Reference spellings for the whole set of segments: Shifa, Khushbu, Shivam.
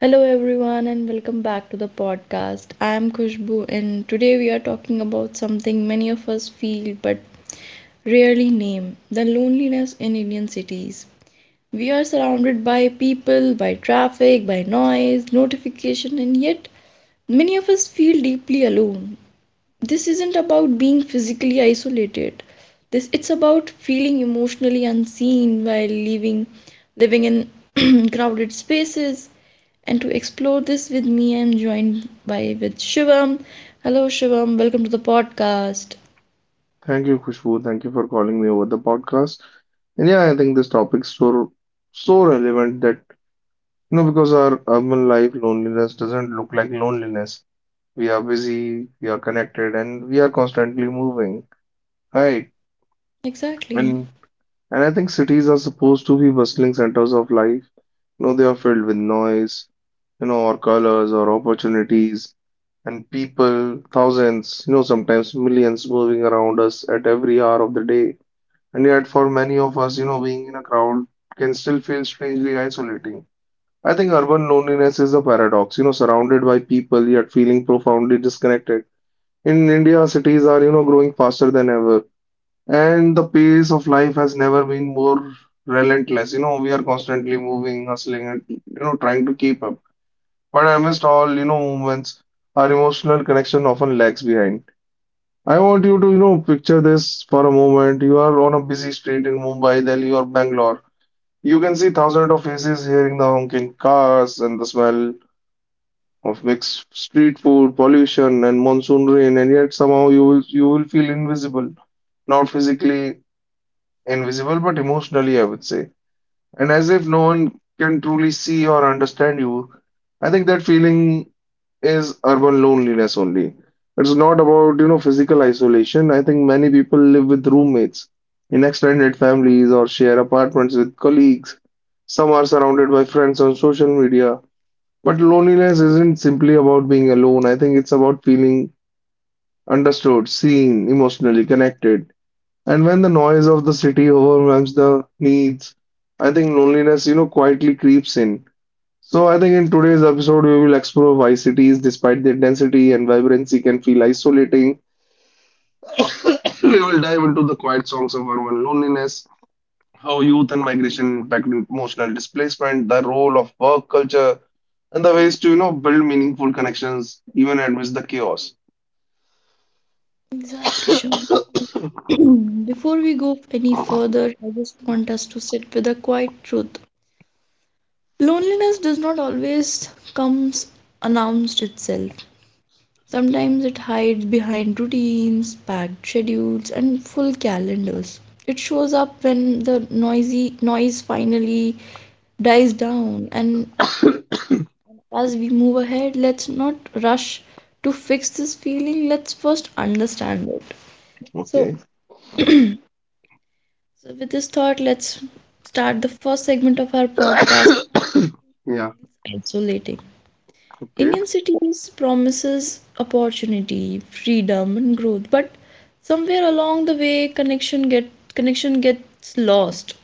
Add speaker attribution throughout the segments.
Speaker 1: Hello everyone and welcome back to the podcast. I am Khushbu and today we are talking about something many of us feel but rarely name, the loneliness in Indian cities. We are surrounded by people, by traffic, by noise, notification and yet many of us feel deeply alone. This isn't about being physically isolated. This it's about feeling emotionally unseen while living in crowded spaces and to explore this with me, I'm joined by with Shivam. Hello, Shivam. Welcome to the podcast.
Speaker 2: Thank you, Khushbu. Thank you for calling me over the podcast. I think this topic's so relevant that you know because our urban life loneliness doesn't look like loneliness. We are busy, we are connected, and we are constantly moving, right?
Speaker 1: Exactly.
Speaker 2: And and I think cities are supposed to be bustling centers of life. You know, they are filled with noise, or colors or opportunities and people, thousands, sometimes millions moving around us at every hour of the day. And yet, for many of us, being in a crowd can still feel strangely isolating. I think urban loneliness is a paradox, surrounded by people yet feeling profoundly disconnected. In India, cities are, growing faster than ever, and the pace of life has never been more relentless. You know, we are constantly moving, hustling, and trying to keep up. But amidst all, movements, our emotional connection often lags behind. I want you to, picture this for a moment. You are on a busy street in Mumbai, Delhi, or Bangalore. You can see thousands of faces hearing the honking cars and the smell of mixed street food, pollution, and monsoon rain, and yet somehow you will feel invisible. Not physically invisible, but emotionally, I would say. And as if no one can truly see or understand you. I think that feeling is urban loneliness only. It's not about, physical isolation. I think many people live with roommates in extended families or share apartments with colleagues. Some are surrounded by friends on social media. But loneliness isn't simply about being alone. I think it's about feeling understood, seen, emotionally connected. And when the noise of the city overwhelms the needs, I think loneliness, quietly creeps in. So I think in today's episode we will explore why cities, despite their density and vibrancy, can feel isolating. We will dive into the quiet songs of urban loneliness, how youth and migration impact emotional displacement, the role of work culture, and the ways to build meaningful connections even amidst the chaos.
Speaker 1: Exactly, Shivam. Before we go any further, I just want us to sit with a quiet truth. Loneliness does not always comes announced itself. Sometimes it hides behind routines, packed schedules, and full calendars. It shows up when the noisy noise finally dies down and as we move ahead, let's not rush to fix this feeling. Let's first understand it. So,
Speaker 2: Okay.
Speaker 1: so with this thought, let's start the first segment of our podcast
Speaker 2: Yeah.
Speaker 1: isolating.
Speaker 2: Okay.
Speaker 1: Indian cities promises opportunity, freedom, and growth, but somewhere along the way, connection gets lost.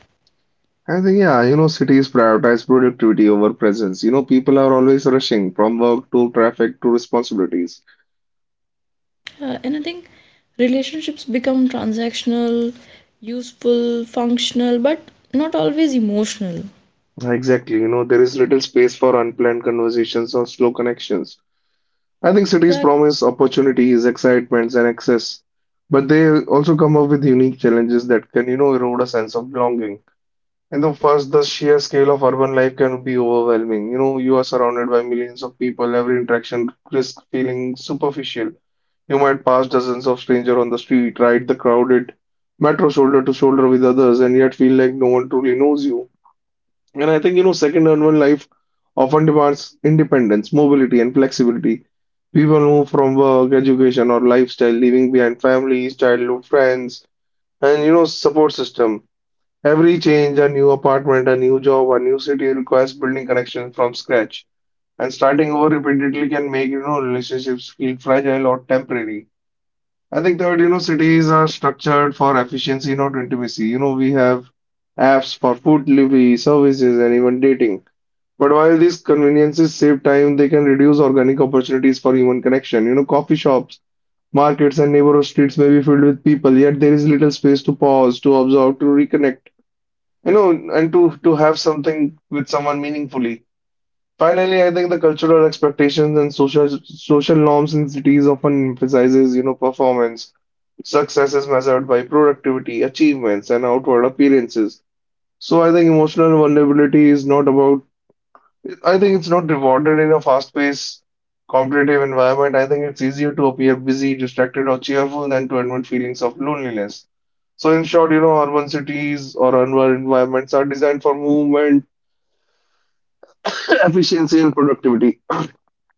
Speaker 2: cities prioritize productivity over presence. You know, people are always rushing from work to traffic to responsibilities.
Speaker 1: And I think relationships become transactional, useful, functional, but not always emotional.
Speaker 2: Exactly. You know, there is little space for unplanned conversations or slow connections. I think cities
Speaker 1: Exactly.
Speaker 2: promise opportunities, excitements, and access, but they also come up with unique challenges that can, erode a sense of belonging. And the first, the sheer scale of urban life can be overwhelming. You know, you are surrounded by millions of people. Every interaction risks feeling superficial. You might pass dozens of strangers on the street, ride the crowded metro shoulder to shoulder with others, and yet feel like no one truly knows you. And I think, second urban life often demands independence, mobility, and flexibility. People move from work, education, or lifestyle, leaving behind families, childhood friends, and support system. Every change, a new apartment, a new job, a new city requires building connections from scratch. And starting over repeatedly can make, relationships feel fragile or temporary. I think that, cities are structured for efficiency, not intimacy. You know, we have apps for food delivery, services, and even dating. But while these conveniences save time, they can reduce organic opportunities for human connection. You know, coffee shops, markets, and neighborhood streets may be filled with people, yet there is little space to pause, to observe, to reconnect, and to have something with someone meaningfully. Finally, I think the cultural expectations and social norms in cities often emphasizes, performance. Success is measured by productivity, achievements, and outward appearances. So I think emotional vulnerability is not about I think it's not rewarded in a fast-paced, competitive environment. I think it's easier to appear busy, distracted, or cheerful than to admit feelings of loneliness. So, in short, urban cities or urban environments are designed for movement, efficiency, and productivity,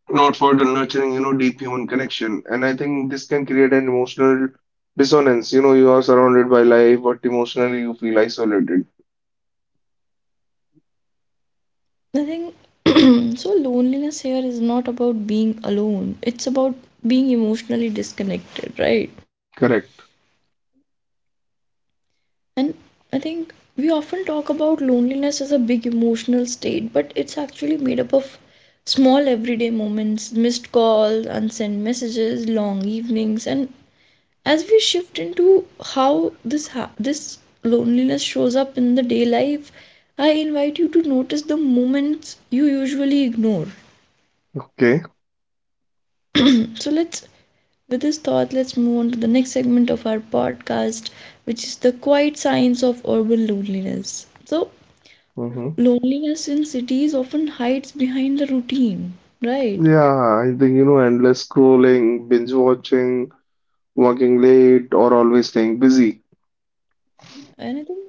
Speaker 2: not for the nurturing, deep human connection. And I think this can create an emotional dissonance. You know, you are surrounded by life, but emotionally you feel isolated.
Speaker 1: I think so loneliness here is not about being alone. It's about being emotionally disconnected, right?
Speaker 2: Correct.
Speaker 1: And I think we often talk about loneliness as a big emotional state, but it's actually made up of small everyday moments, missed calls, unsent messages, long evenings, and as we shift into how this loneliness shows up in the day life, I invite you to notice the moments you usually ignore.
Speaker 2: Okay.
Speaker 1: so let's With this thought, let's move on to the next segment of our podcast, which is the quiet signs of urban loneliness. So,
Speaker 2: Mm-hmm.
Speaker 1: loneliness in cities often hides behind the routine, right?
Speaker 2: Yeah, I think, endless scrolling, binge watching working late or always staying busy.
Speaker 1: And I think,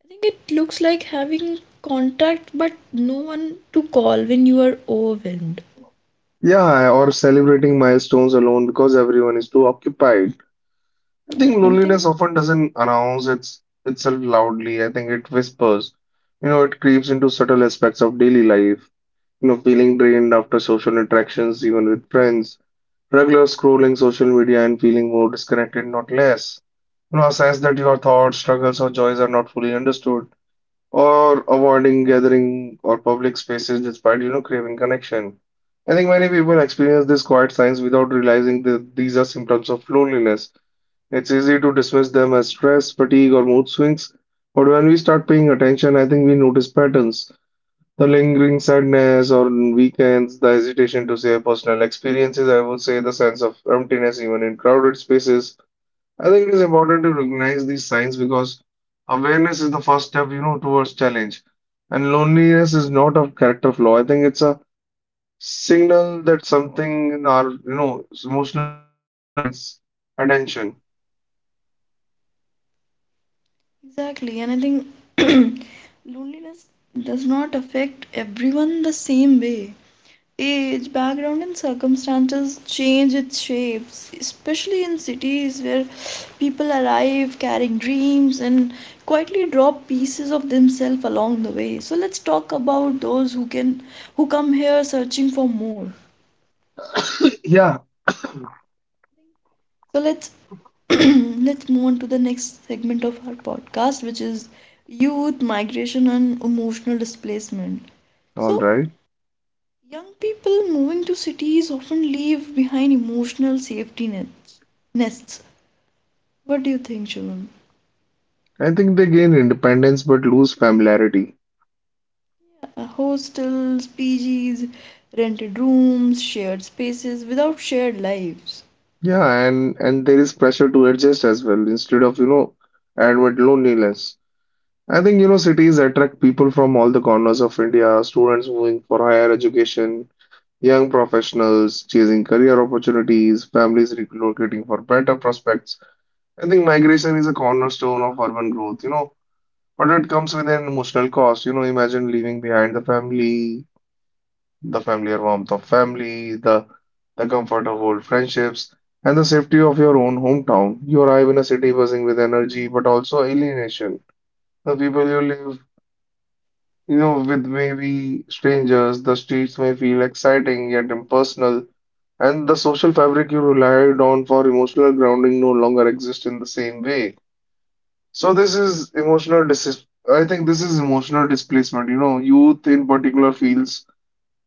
Speaker 1: I think it looks like having contact but no one to call when you are overwhelmed.
Speaker 2: Yeah, or celebrating milestones alone because everyone is too occupied. I think
Speaker 1: Yeah, I think
Speaker 2: loneliness often doesn't announce itself loudly. I think it whispers. You know, it creeps into subtle aspects of daily life. You know, feeling drained after social interactions, even with friends, regular scrolling social media and feeling more disconnected, not less. You know, a sense that your thoughts, struggles, or joys are not fully understood. Or avoiding gathering or public spaces despite, craving connection. I think many people experience these quiet signs without realizing that these are symptoms of loneliness. It's easy to dismiss them as stress, fatigue, or mood swings, but when we start paying attention, I think we notice patterns. The lingering sadness on weekends, the hesitation to share personal experiences, I would say the sense of emptiness even in crowded spaces, I think it is important to recognize these signs because awareness is the first step, towards challenge. And loneliness is not a character flaw. I think it's a signal that something in our, emotional ecosystem needs attention.
Speaker 1: exactly, and I think loneliness does not affect everyone the same way age, background, and circumstances change its shapes, especially in cities where people arrive carrying dreams and quietly drop pieces of themselves along the way. So let's talk about those who come here searching for more.
Speaker 2: Yeah,
Speaker 1: So let's let's move on to the next segment of our podcast, which is youth, migration, and emotional displacement.
Speaker 2: all
Speaker 1: So
Speaker 2: right.
Speaker 1: young people moving to cities often leave behind emotional safety nets nests What do you think, Shivam?
Speaker 2: I think they gain independence but lose familiarity.
Speaker 1: Hostels, PGs, rented rooms, shared spaces without shared lives.
Speaker 2: Yeah, and there is pressure to adjust as well instead of, admit loneliness. I think, cities attract people from all the corners of India, students moving for higher education. Young professionals chasing career opportunities, families relocating for better prospects. I think migration is a cornerstone of urban growth, but it comes with an emotional cost. You know, imagine leaving behind the family, the familiar warmth of family, the comfort of old friendships, and the safety of your own hometown. You arrive in a city buzzing with energy, but also alienation. The people you live, with may be strangers. The streets may feel exciting yet impersonal. And the social fabric you relied on for emotional grounding no longer exists in the same way. So this is emotional dis I think this is emotional displacement. You know, youth in particular feels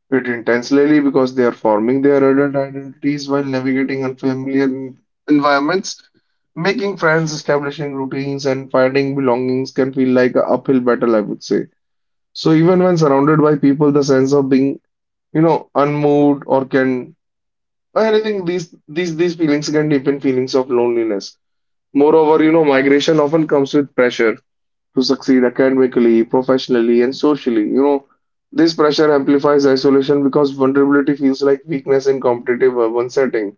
Speaker 2: it intensely because they are forming their adult identities while navigating unfamiliar environments. Making friends, establishing routines, and finding belongings can feel like an uphill battle, I would say. So even when surrounded by people, the sense of being, unmoved or can, and I really think these feelings can deepen feelings of loneliness. Moreover, migration often comes with pressure to succeed academically, professionally, and socially. You know, this pressure amplifies isolation because vulnerability feels like weakness in competitive urban setting.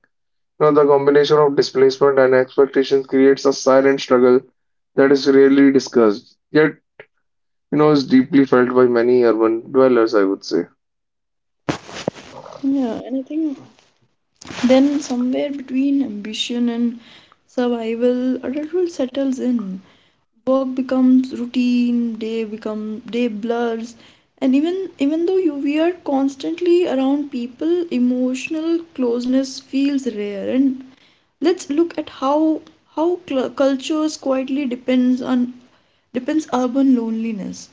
Speaker 2: You know, the combination of displacement and expectations creates a silent struggle that is rarely discussed, yet, is deeply felt by many urban dwellers, I would say.
Speaker 1: Yeah, and I think then somewhere between ambition and survival, adulthood settles in. Work becomes routine, day blurs, and even though you we are constantly around people, emotional closeness feels rare. And let's look at how how cultures quietly depends on depends urban loneliness.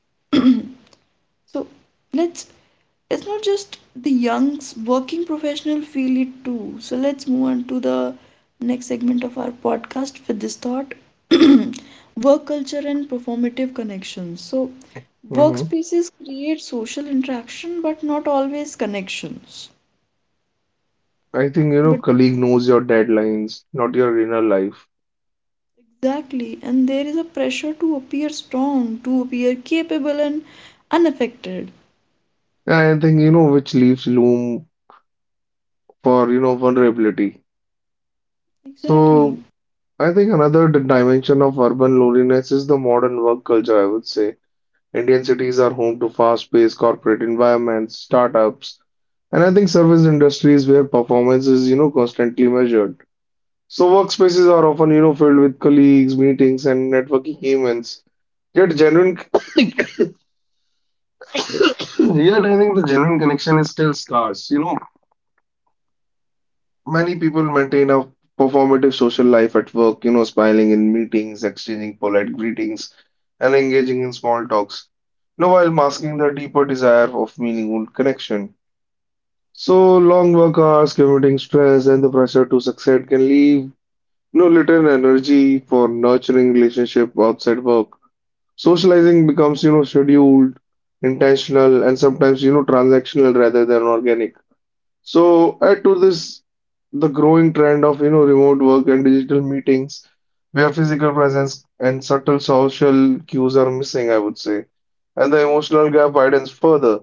Speaker 1: so let's it's not just the youngs working professional feel it too. So let's move on to the next segment of our podcast with this thought. Work culture and performative connections. So
Speaker 2: Hmm.
Speaker 1: workspaces create social interaction but not always connections.
Speaker 2: I think,
Speaker 1: But
Speaker 2: colleague knows your deadlines, not your inner life.
Speaker 1: Exactly, and there is a pressure to appear strong, to appear capable and unaffected.
Speaker 2: I think, which leaves room for, vulnerability.
Speaker 1: Exactly,
Speaker 2: So I think another dimension of urban loneliness is the modern work culture, I would say. Indian cities are home to fast-paced corporate environments, startups, and I think service industries where performance is, constantly measured. So workspaces are often, filled with colleagues, meetings, and networking events. Yet genuine, yet I think the genuine connection is still scarce. Many people maintain a performative social life at work, smiling in meetings, exchanging polite greetings, and engaging in small talks, while masking the deeper desire of meaningful connection. So long work hours, commuting stress, and the pressure to succeed can leave, no little energy for nurturing relationship outside work. Socializing becomes, scheduled, intentional, and sometimes, transactional rather than organic. So add to this the growing trend of remote work and digital meetings where physical presence and subtle social cues are missing, I would say, and the emotional gap widens further.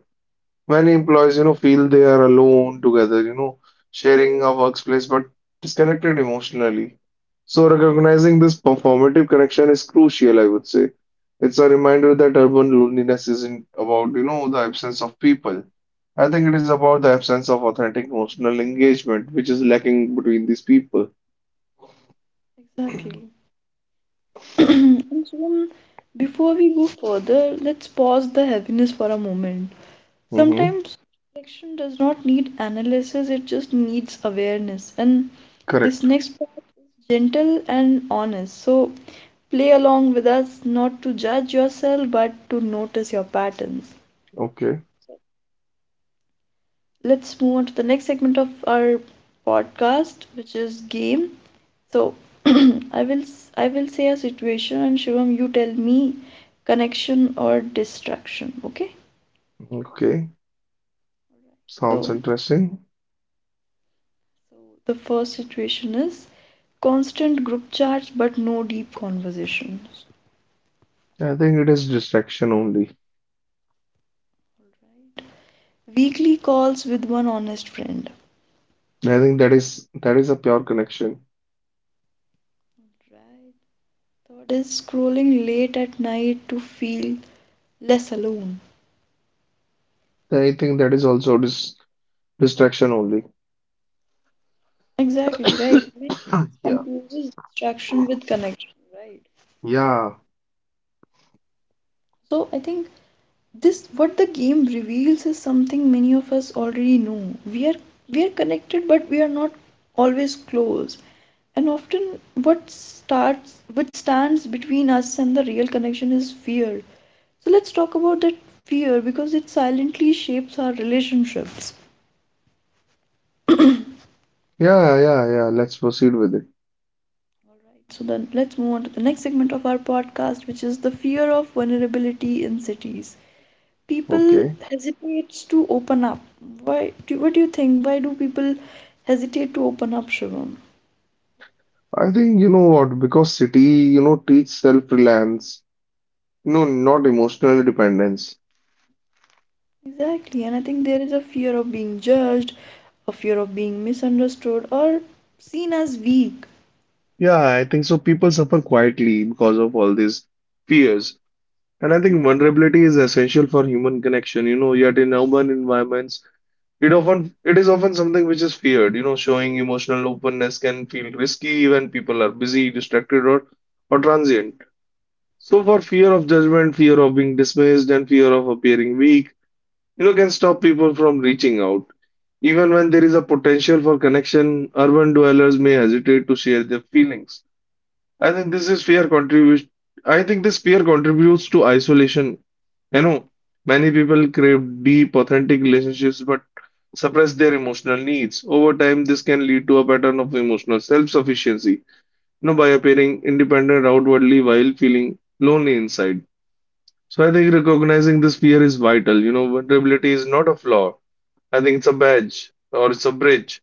Speaker 2: Many employees, feel they are alone together, sharing a workplace but disconnected emotionally. So recognizing this performative connection is crucial, I would say. It's a reminder that urban loneliness isn't about, the absence of people. I think it is about the absence of authentic emotional engagement, which is lacking between these people.
Speaker 1: exactly. And soon, before we go further, let's pause the heaviness for a moment.
Speaker 2: Mm-hmm.
Speaker 1: Sometimes reflection does not need analysis, it just needs awareness. And this
Speaker 2: Correct.
Speaker 1: next part is gentle and honest. So play along with us, not to judge yourself, but to notice your patterns.
Speaker 2: Okay.
Speaker 1: Let's move on to the next segment of our podcast, which is game. So I will say a situation and Shivam you tell me connection or distraction, okay?
Speaker 2: Okay. Sounds
Speaker 1: So
Speaker 2: interesting.
Speaker 1: the first situation is constant group chats but no deep conversations, right?
Speaker 2: I think it is distraction only.
Speaker 1: Weekly calls with one honest friend,
Speaker 2: I think that is a pure connection.
Speaker 1: right? Third is scrolling late at night to feel less alone.
Speaker 2: I think that is also distraction only.
Speaker 1: Exactly, right. Maybe this
Speaker 2: Yeah,
Speaker 1: confuses distraction with connection, right?
Speaker 2: yeah,
Speaker 1: So I think this what the game reveals is something many of us already know. we are we are connected but we are not always close, and often what stands between us and the real connection is fear. So let's talk about that fear because it silently shapes our relationships.
Speaker 2: yeah. Let's proceed with it.
Speaker 1: So then let's move on to the next segment of our podcast which is the fear of vulnerability in cities. People
Speaker 2: Okay.
Speaker 1: hesitates to open up? Why do What do you think? Why do people hesitate to open up, Shivam?
Speaker 2: I think you know what, because city, you know, teach self-reliance, you know, not emotional dependence.
Speaker 1: Exactly, and I think there is a fear of being judged, a fear of being misunderstood or seen as weak.
Speaker 2: Yeah, I think so. People suffer quietly because of all these fears. And I
Speaker 1: Yeah,
Speaker 2: think vulnerability is essential for human connection, you know, yet in urban environments, it often it is often something which is feared. You know, showing emotional openness can feel risky when people are busy, distracted, or transient. So, for fear of judgment, fear of being dismissed, and fear of appearing weak, you know, can stop people from reaching out. Even when there is a potential for connection, urban dwellers may hesitate to share their feelings. I think this is fear contributes. I think this fear contributes to isolation. You know, many people crave deep, authentic relationships but suppress their emotional needs. Over time, this can lead to a pattern of emotional self-sufficiency, you know, by appearing independent outwardly while feeling lonely inside. So I think recognizing this fear is vital. You know, vulnerability is not a flaw. I think it's a badge or it's a bridge,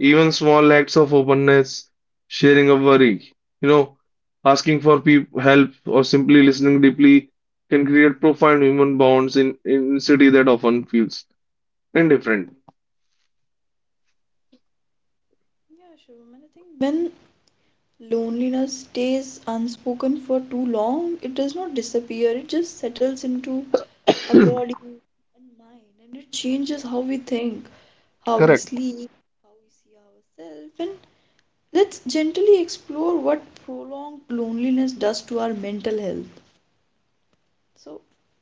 Speaker 2: even small acts of openness, sharing a worry, you know, asking for peop help, or simply listening deeply can create profound human bonds in city that often feels indifferent.
Speaker 1: yeah, Shivam. And I think when loneliness stays unspoken for too long, it does not disappear. It just settles into our body and mind, and it changes how we think, how we sleep, how we see ourselves, and let's gently explore what prolonged loneliness does to our mental health. So,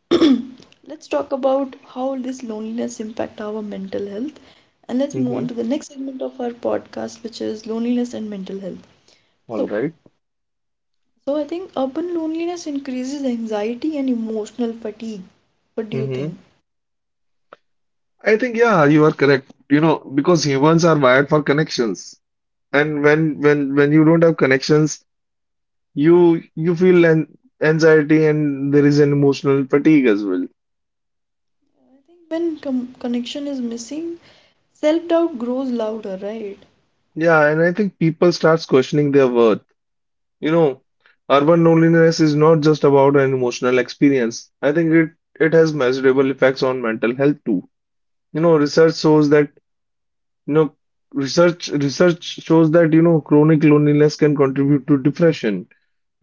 Speaker 1: let's talk about how this loneliness impact our mental health and let's move
Speaker 2: Mm-hmm.
Speaker 1: on to the next segment of our podcast which is loneliness and mental health.
Speaker 2: All
Speaker 1: So,
Speaker 2: right.
Speaker 1: so I think urban loneliness increases anxiety and emotional fatigue. What do you
Speaker 2: Mm-hmm.
Speaker 1: think?
Speaker 2: I think yeah, you are correct. You know, because humans are wired for connections, and when you don't have connections, you feel an anxiety and there is an emotional fatigue as well.
Speaker 1: When connection is missing, self-doubt grows louder, right?
Speaker 2: Yeah, and I think people starts questioning their worth. You know, urban loneliness is not just about an emotional experience. I think it has measurable effects on mental health too. You know, you know, research shows that, you know, chronic loneliness can contribute to depression,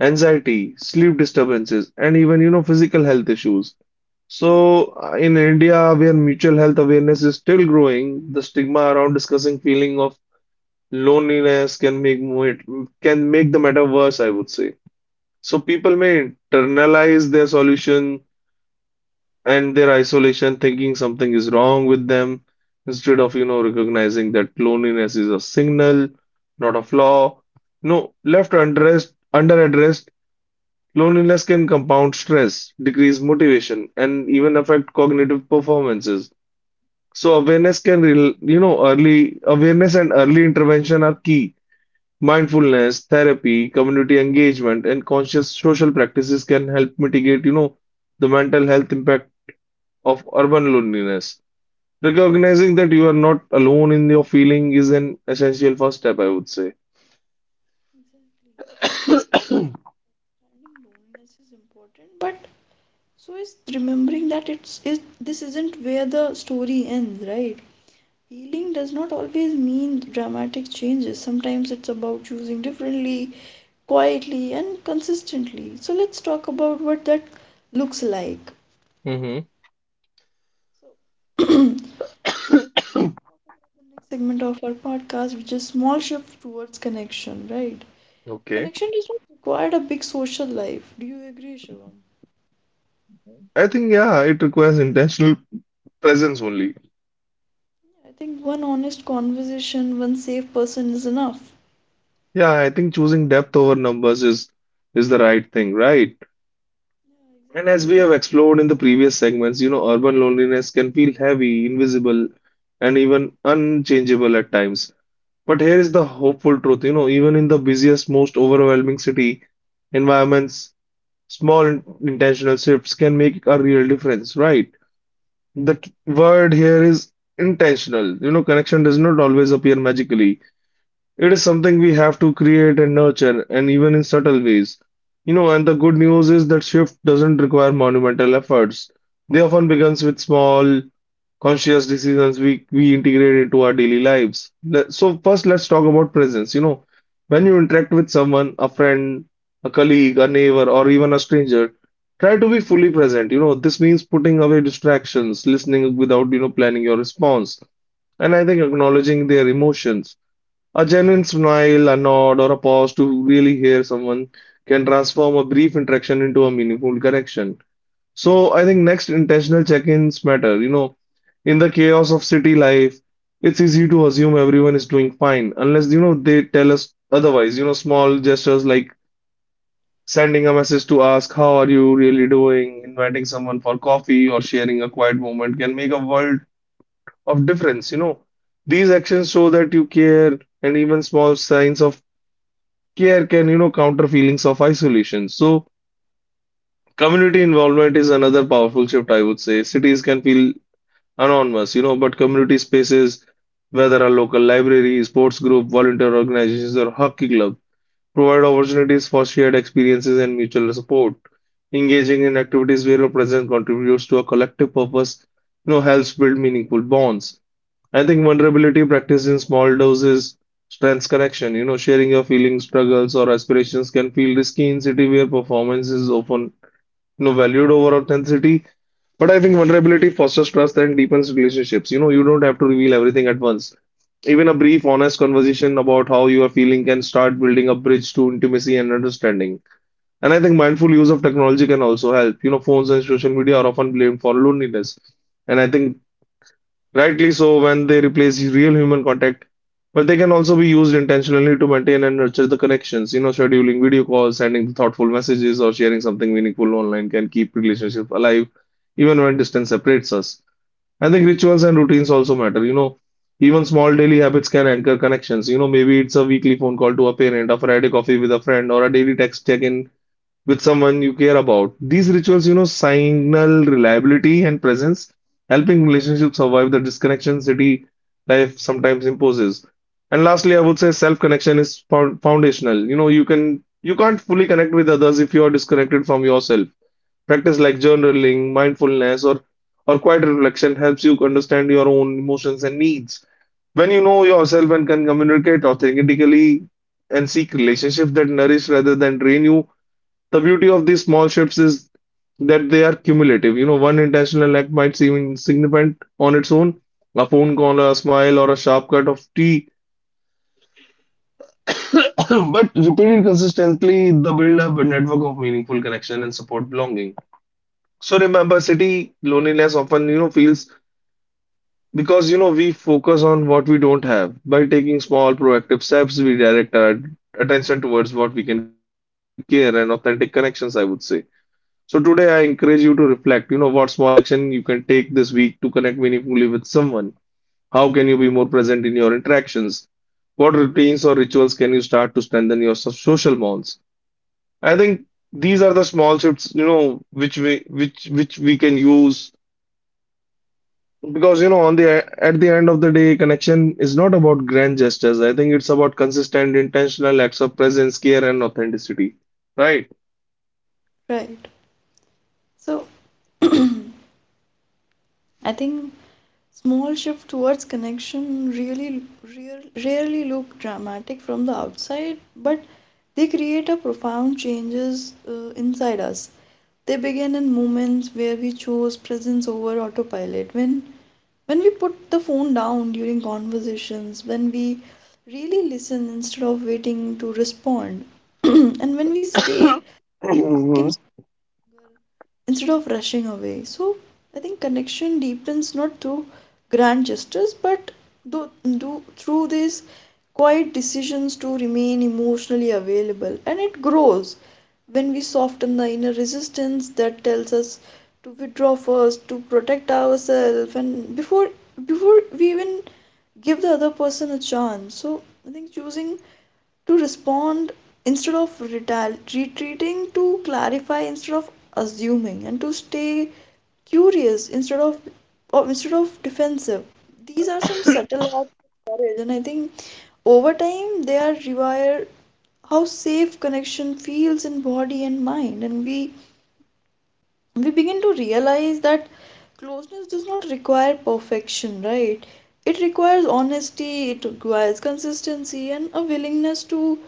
Speaker 2: anxiety, sleep disturbances, and even, you know, physical health issues. So, in India, where mutual health awareness is still growing, the stigma around discussing feeling of loneliness can make the matter worse, I would say. So people may internalize their solution and their isolation, thinking something is wrong with them, instead of, you know, recognizing that loneliness is a signal, not a flaw. No, left unaddressed, underaddressed, loneliness can compound stress, decrease motivation, and even affect cognitive performances. So you know, early awareness and early intervention are key. Mindfulness therapy, community engagement, and conscious social practices can help mitigate, you know, the mental health impact of urban loneliness. Recognizing that you are not alone in your feeling is an essential first step, I would say.
Speaker 1: Understanding loneliness is important, but it's remembering that it's is this isn't where the story ends, right? Healing does not always mean dramatic changes. Sometimes it's about choosing differently, quietly, and consistently. So let's talk about what that looks like.
Speaker 2: Mm-hmm.
Speaker 1: So talk about the next segment of our podcast, which is small shift towards connection, right?
Speaker 2: Okay.
Speaker 1: Connection does not require a big social life. Do you agree, Shivam?
Speaker 2: I think, yeah, it requires intentional presence only.
Speaker 1: I think one honest conversation, one safe person is enough.
Speaker 2: Yeah, I think choosing depth over numbers is the right thing, right? And as we
Speaker 1: Exactly.
Speaker 2: have explored in the previous segments, you know, urban loneliness can feel heavy, invisible, and even unchangeable at times. But here is the hopeful truth, you know, even in the busiest, most overwhelming city environments, small intentional shifts can make a real difference, right? The word here is intentional. You know, connection does not always appear magically. It is something we have to create and nurture, and even in subtle ways. You know, and the good news is that shift doesn't require monumental efforts. They often begins with small, conscious decisions we integrate into our daily lives. So first, let's talk about presence. You know, when you interact with someone, a friend, a colleague, a neighbor, or even a stranger, try to be fully present. You know, this means putting away distractions, listening without, you know, planning your response, and I think acknowledging their emotions. A genuine smile, a nod, or a pause to really hear someone can transform a brief interaction into a meaningful connection. So I think next intentional check-ins matter. You know, in the chaos of city life, it's easy to assume everyone is doing fine unless you know they tell us otherwise. You know, small gestures like sending a message to ask how are you really doing, inviting someone for coffee, or sharing a quiet moment can make a world of difference. You know, these actions show that you care, and even small signs of care can, you know, counter feelings of isolation. So community involvement is another powerful shift, I would say. Cities can feel anonymous, you know, but community spaces, whether a local library, sports group, volunteer organizations, or hockey club, provide opportunities for shared experiences and mutual support. Engaging in activities where your presence contributes to a collective purpose, you know, helps build meaningful bonds. I think vulnerability practiced in small doses strengths connection. You know, sharing your feelings, struggles, or aspirations can feel risky in city where performance is often, you know, valued over authenticity. But I think vulnerability fosters trust and deepens relationships. You know, you don't have to reveal everything at once. Even a brief, honest conversation about how you are feeling can start building a bridge to intimacy and understanding. And I think mindful use of technology can also help. You know, phones and social media are often blamed for loneliness. And I think rightly so, when they replace real human contact, but they can also be used intentionally to maintain and nurture the connections. You know, scheduling video calls, sending thoughtful messages, or sharing something meaningful online can keep relationships alive, even when distance separates us. I think rituals and routines also matter. You know, even small daily habits can anchor connections. You know, maybe it's a weekly phone call to a parent, a Friday coffee with a friend, or a daily text check-in with someone you care about. These rituals, you know, signal reliability and presence, helping relationships survive the disconnection city life sometimes imposes. And lastly, I would say self-connection is found foundational. You know, you can't fully connect with others if you are disconnected from yourself. Practice like journaling, mindfulness, or quiet reflection helps you understand your own emotions and needs. When you know yourself and can communicate authentically and seek relationships that nourish rather than drain you, the beauty of these small shifts is that they are cumulative. You know, one intentional act might seem insignificant on its own, a phone call, a smile, or a sharp cut of tea, but repeated consistently, the build up a network of meaningful connection and support belonging. So remember, city loneliness often, you know, feels because, you know, we focus on what we don't have. By taking small proactive steps, we direct our attention towards what we can create, warmth, care, and authentic connections, I would say. So today I encourage you to reflect, you know, what small action you can take this week to connect meaningfully with someone. How can you be more present in your interactions? What routines or rituals can you start to strengthen your social bonds? I think these are the small shifts, you know, which we can use because, you know, on the at the end of the day, connection is not about grand gestures. I think it's about consistent, intentional acts of presence, care, and authenticity. Right?
Speaker 1: Right. So I think small shift towards connection rarely look dramatic from the outside, but they create a profound changes inside us. They begin in moments where we chose presence over autopilot. When we put the phone down during conversations, when we really listen instead of waiting to respond, and when we stay two
Speaker 2: Mhm.
Speaker 1: seconds instead of rushing away. So I think connection deepens not through grand gestures but do, through these quiet decisions to remain emotionally available. And it grows when we soften the inner resistance that tells us to withdraw first, to protect ourselves, and before we even give the other person a chance. So I think choosing to respond instead of retreating, to clarify instead of assuming, and to stay curious instead of or instead of defensive. These are some subtle acts of courage, and I think over time they are rewire how safe connection feels in body and mind, and we begin to realize that closeness does not require perfection, right? It requires honesty, it requires consistency, and a willingness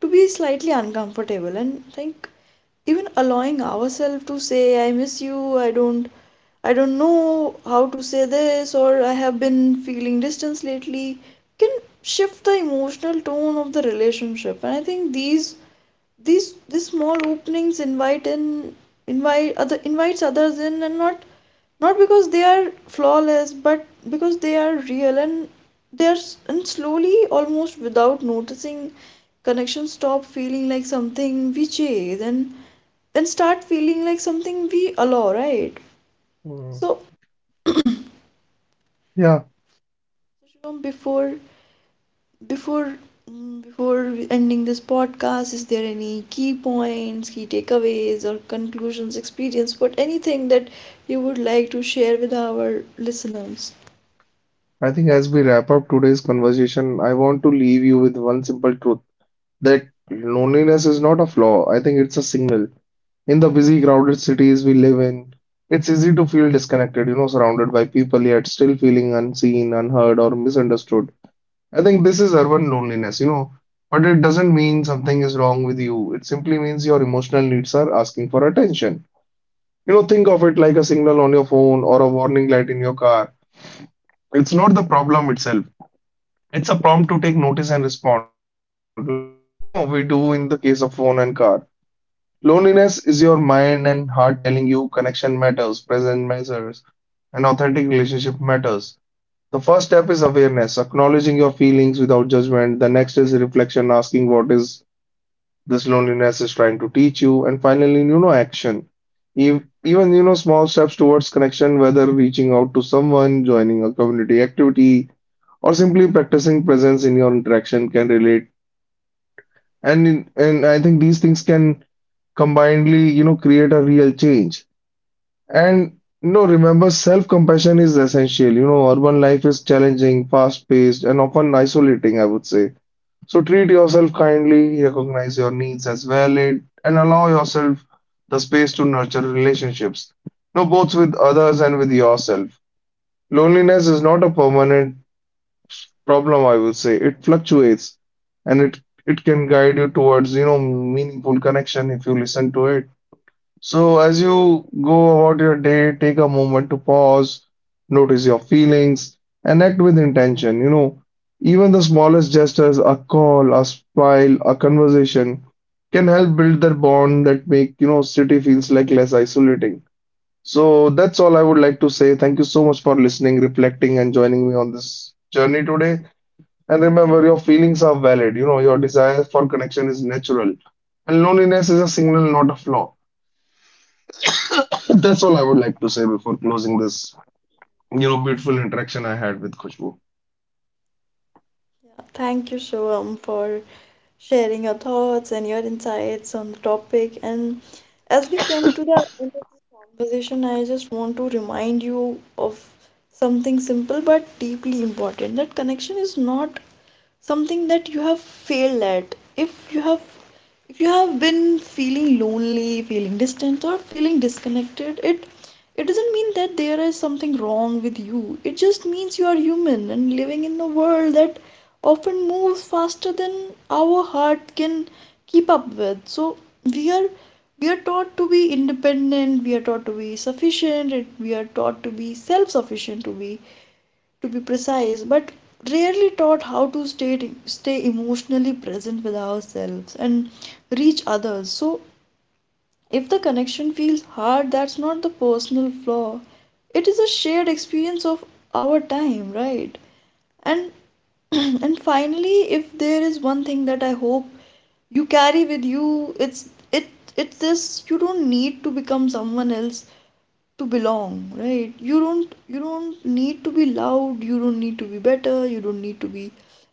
Speaker 1: to be slightly uncomfortable and like even allowing ourselves to say I miss you, I don't know how to say this or I have been feeling distance lately can shift the emotional tone of the relationship. And I think these small openings invites others in, and not not because they are flawless but because they are real, and and slowly almost without noticing connections stop feeling like something we chase and start feeling like something we allow, right?
Speaker 2: Mhm.
Speaker 1: So
Speaker 2: Yeah,
Speaker 1: Shubham, Before before we ending this podcast, is there any key points, key takeaways, or conclusions, experience, but anything that you would like to share with our listeners?
Speaker 2: I think as we wrap up today's conversation, I want to leave you with one simple truth, that loneliness is not a flaw. I think it's a signal. In the busy, crowded cities we live in, it's easy to feel disconnected, you know, surrounded by people yet still feeling unseen, unheard, or misunderstood. I think this is urban loneliness, you know, but it doesn't mean something is wrong with you. It simply means your emotional needs are asking for attention. You know, think of it like a signal on your phone or a warning light in your car. It's not the problem itself. It's a prompt to take notice and respond, like, you know, we do in the case of phone and car. Loneliness is your mind and heart telling you connection matters, presence matters, and authentic relationship matters. The first step is awareness, acknowledging your feelings without judgment. The next is reflection, asking what is this loneliness is trying to teach you, and finally, you know, action. Even, you know, small steps towards connection, whether reaching out to someone, joining a community activity, or simply practicing presence in your interaction can relate. And I think these things can combinedly, you know, create a real change. And you know, remember, self-compassion is essential. You know, urban life is challenging, fast-paced, and often isolating, I would say. So treat yourself kindly, recognize your needs as valid, and allow yourself the space to nurture relationships. You know, both with others and with yourself. Loneliness is not a permanent problem, I would say. It fluctuates and it can guide you towards, you know, meaningful connection if you listen to it. So as you go about your day, take a moment to pause, notice your feelings, and act with intention. You know, even the smallest gestures, a call, a smile, a conversation can help build that bond that make, you know, city feels like less isolating. So that's all I would like to say. Thank you so much for listening, reflecting, and joining me on this journey today. And remember, your feelings are valid. You know, your desire for connection is natural. And loneliness is a signal, not a flaw. That's all I would like to say before closing this, you know,
Speaker 1: Thank you,
Speaker 2: beautiful
Speaker 1: Shivam.
Speaker 2: interaction I had with Khushbu.
Speaker 1: Yeah. Thank you, Shivam, for sharing your thoughts and your insights on the topic. And as we come to the end of this conversation, I just want to remind you of something simple but deeply important, that connection is not something that you have failed at. If you have been feeling lonely, feeling distant, or feeling disconnected, it doesn't mean that there is something wrong with you. It just means you are human and living in a world that often moves faster than our heart can keep up with. So we are we are taught to be independent, we are taught to be sufficient, we are taught to be self sufficient, to be precise, but rarely taught how to stay emotionally present with ourselves and reach others. So if the connection feels hard, that's not the personal flaw. It is a shared experience of our time, right? And and finally, if there is one thing that I hope you carry with you, it's it it's this, you don't need to become someone else to belong, right? You don't need to be loud, you don't need to be better, you don't need to be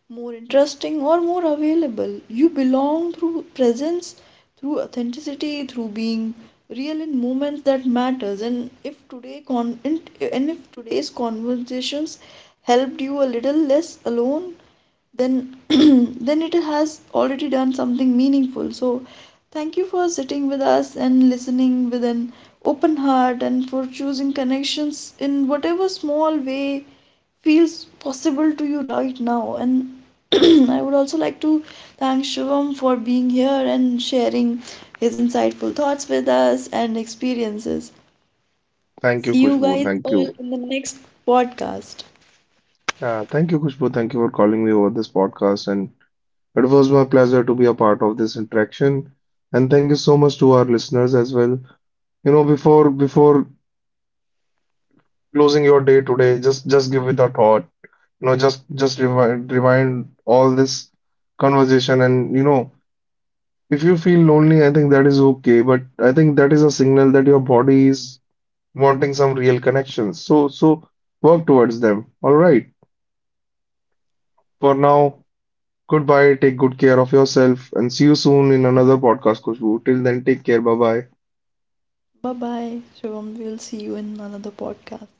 Speaker 1: more interesting or more available. You belong through presence, through authenticity, through being real in moments that matters. And if today's conversations helped you a little less alone, then then it has already done something meaningful. So thank you for sitting with us and listening with an open heart, and for choosing connections in whatever small way feels possible to you right now. And I would also like to thank Shivam for being here and sharing his insightful thoughts with us and experiences.
Speaker 2: Thank you,
Speaker 1: See you
Speaker 2: Khushbu.
Speaker 1: guys
Speaker 2: Thank
Speaker 1: all
Speaker 2: you.
Speaker 1: in the next podcast.
Speaker 2: Yeah, thank you, Khushbu. Thank you for calling me over this podcast. And it was my pleasure to be a part of this interaction. And thank you so much to our listeners as well. You know, before closing your day today, just give it a thought. No, just rewind all this conversation and, you know, if you feel lonely, I think that is okay, but I think that is a signal that your body is wanting some real connections, so work towards them. All right, for now, goodbye, take good care of yourself, and see you soon in another podcast, Kushbu. Till then, take care. Bye bye.
Speaker 1: Bye bye, Shivam, we'll see you in another podcast.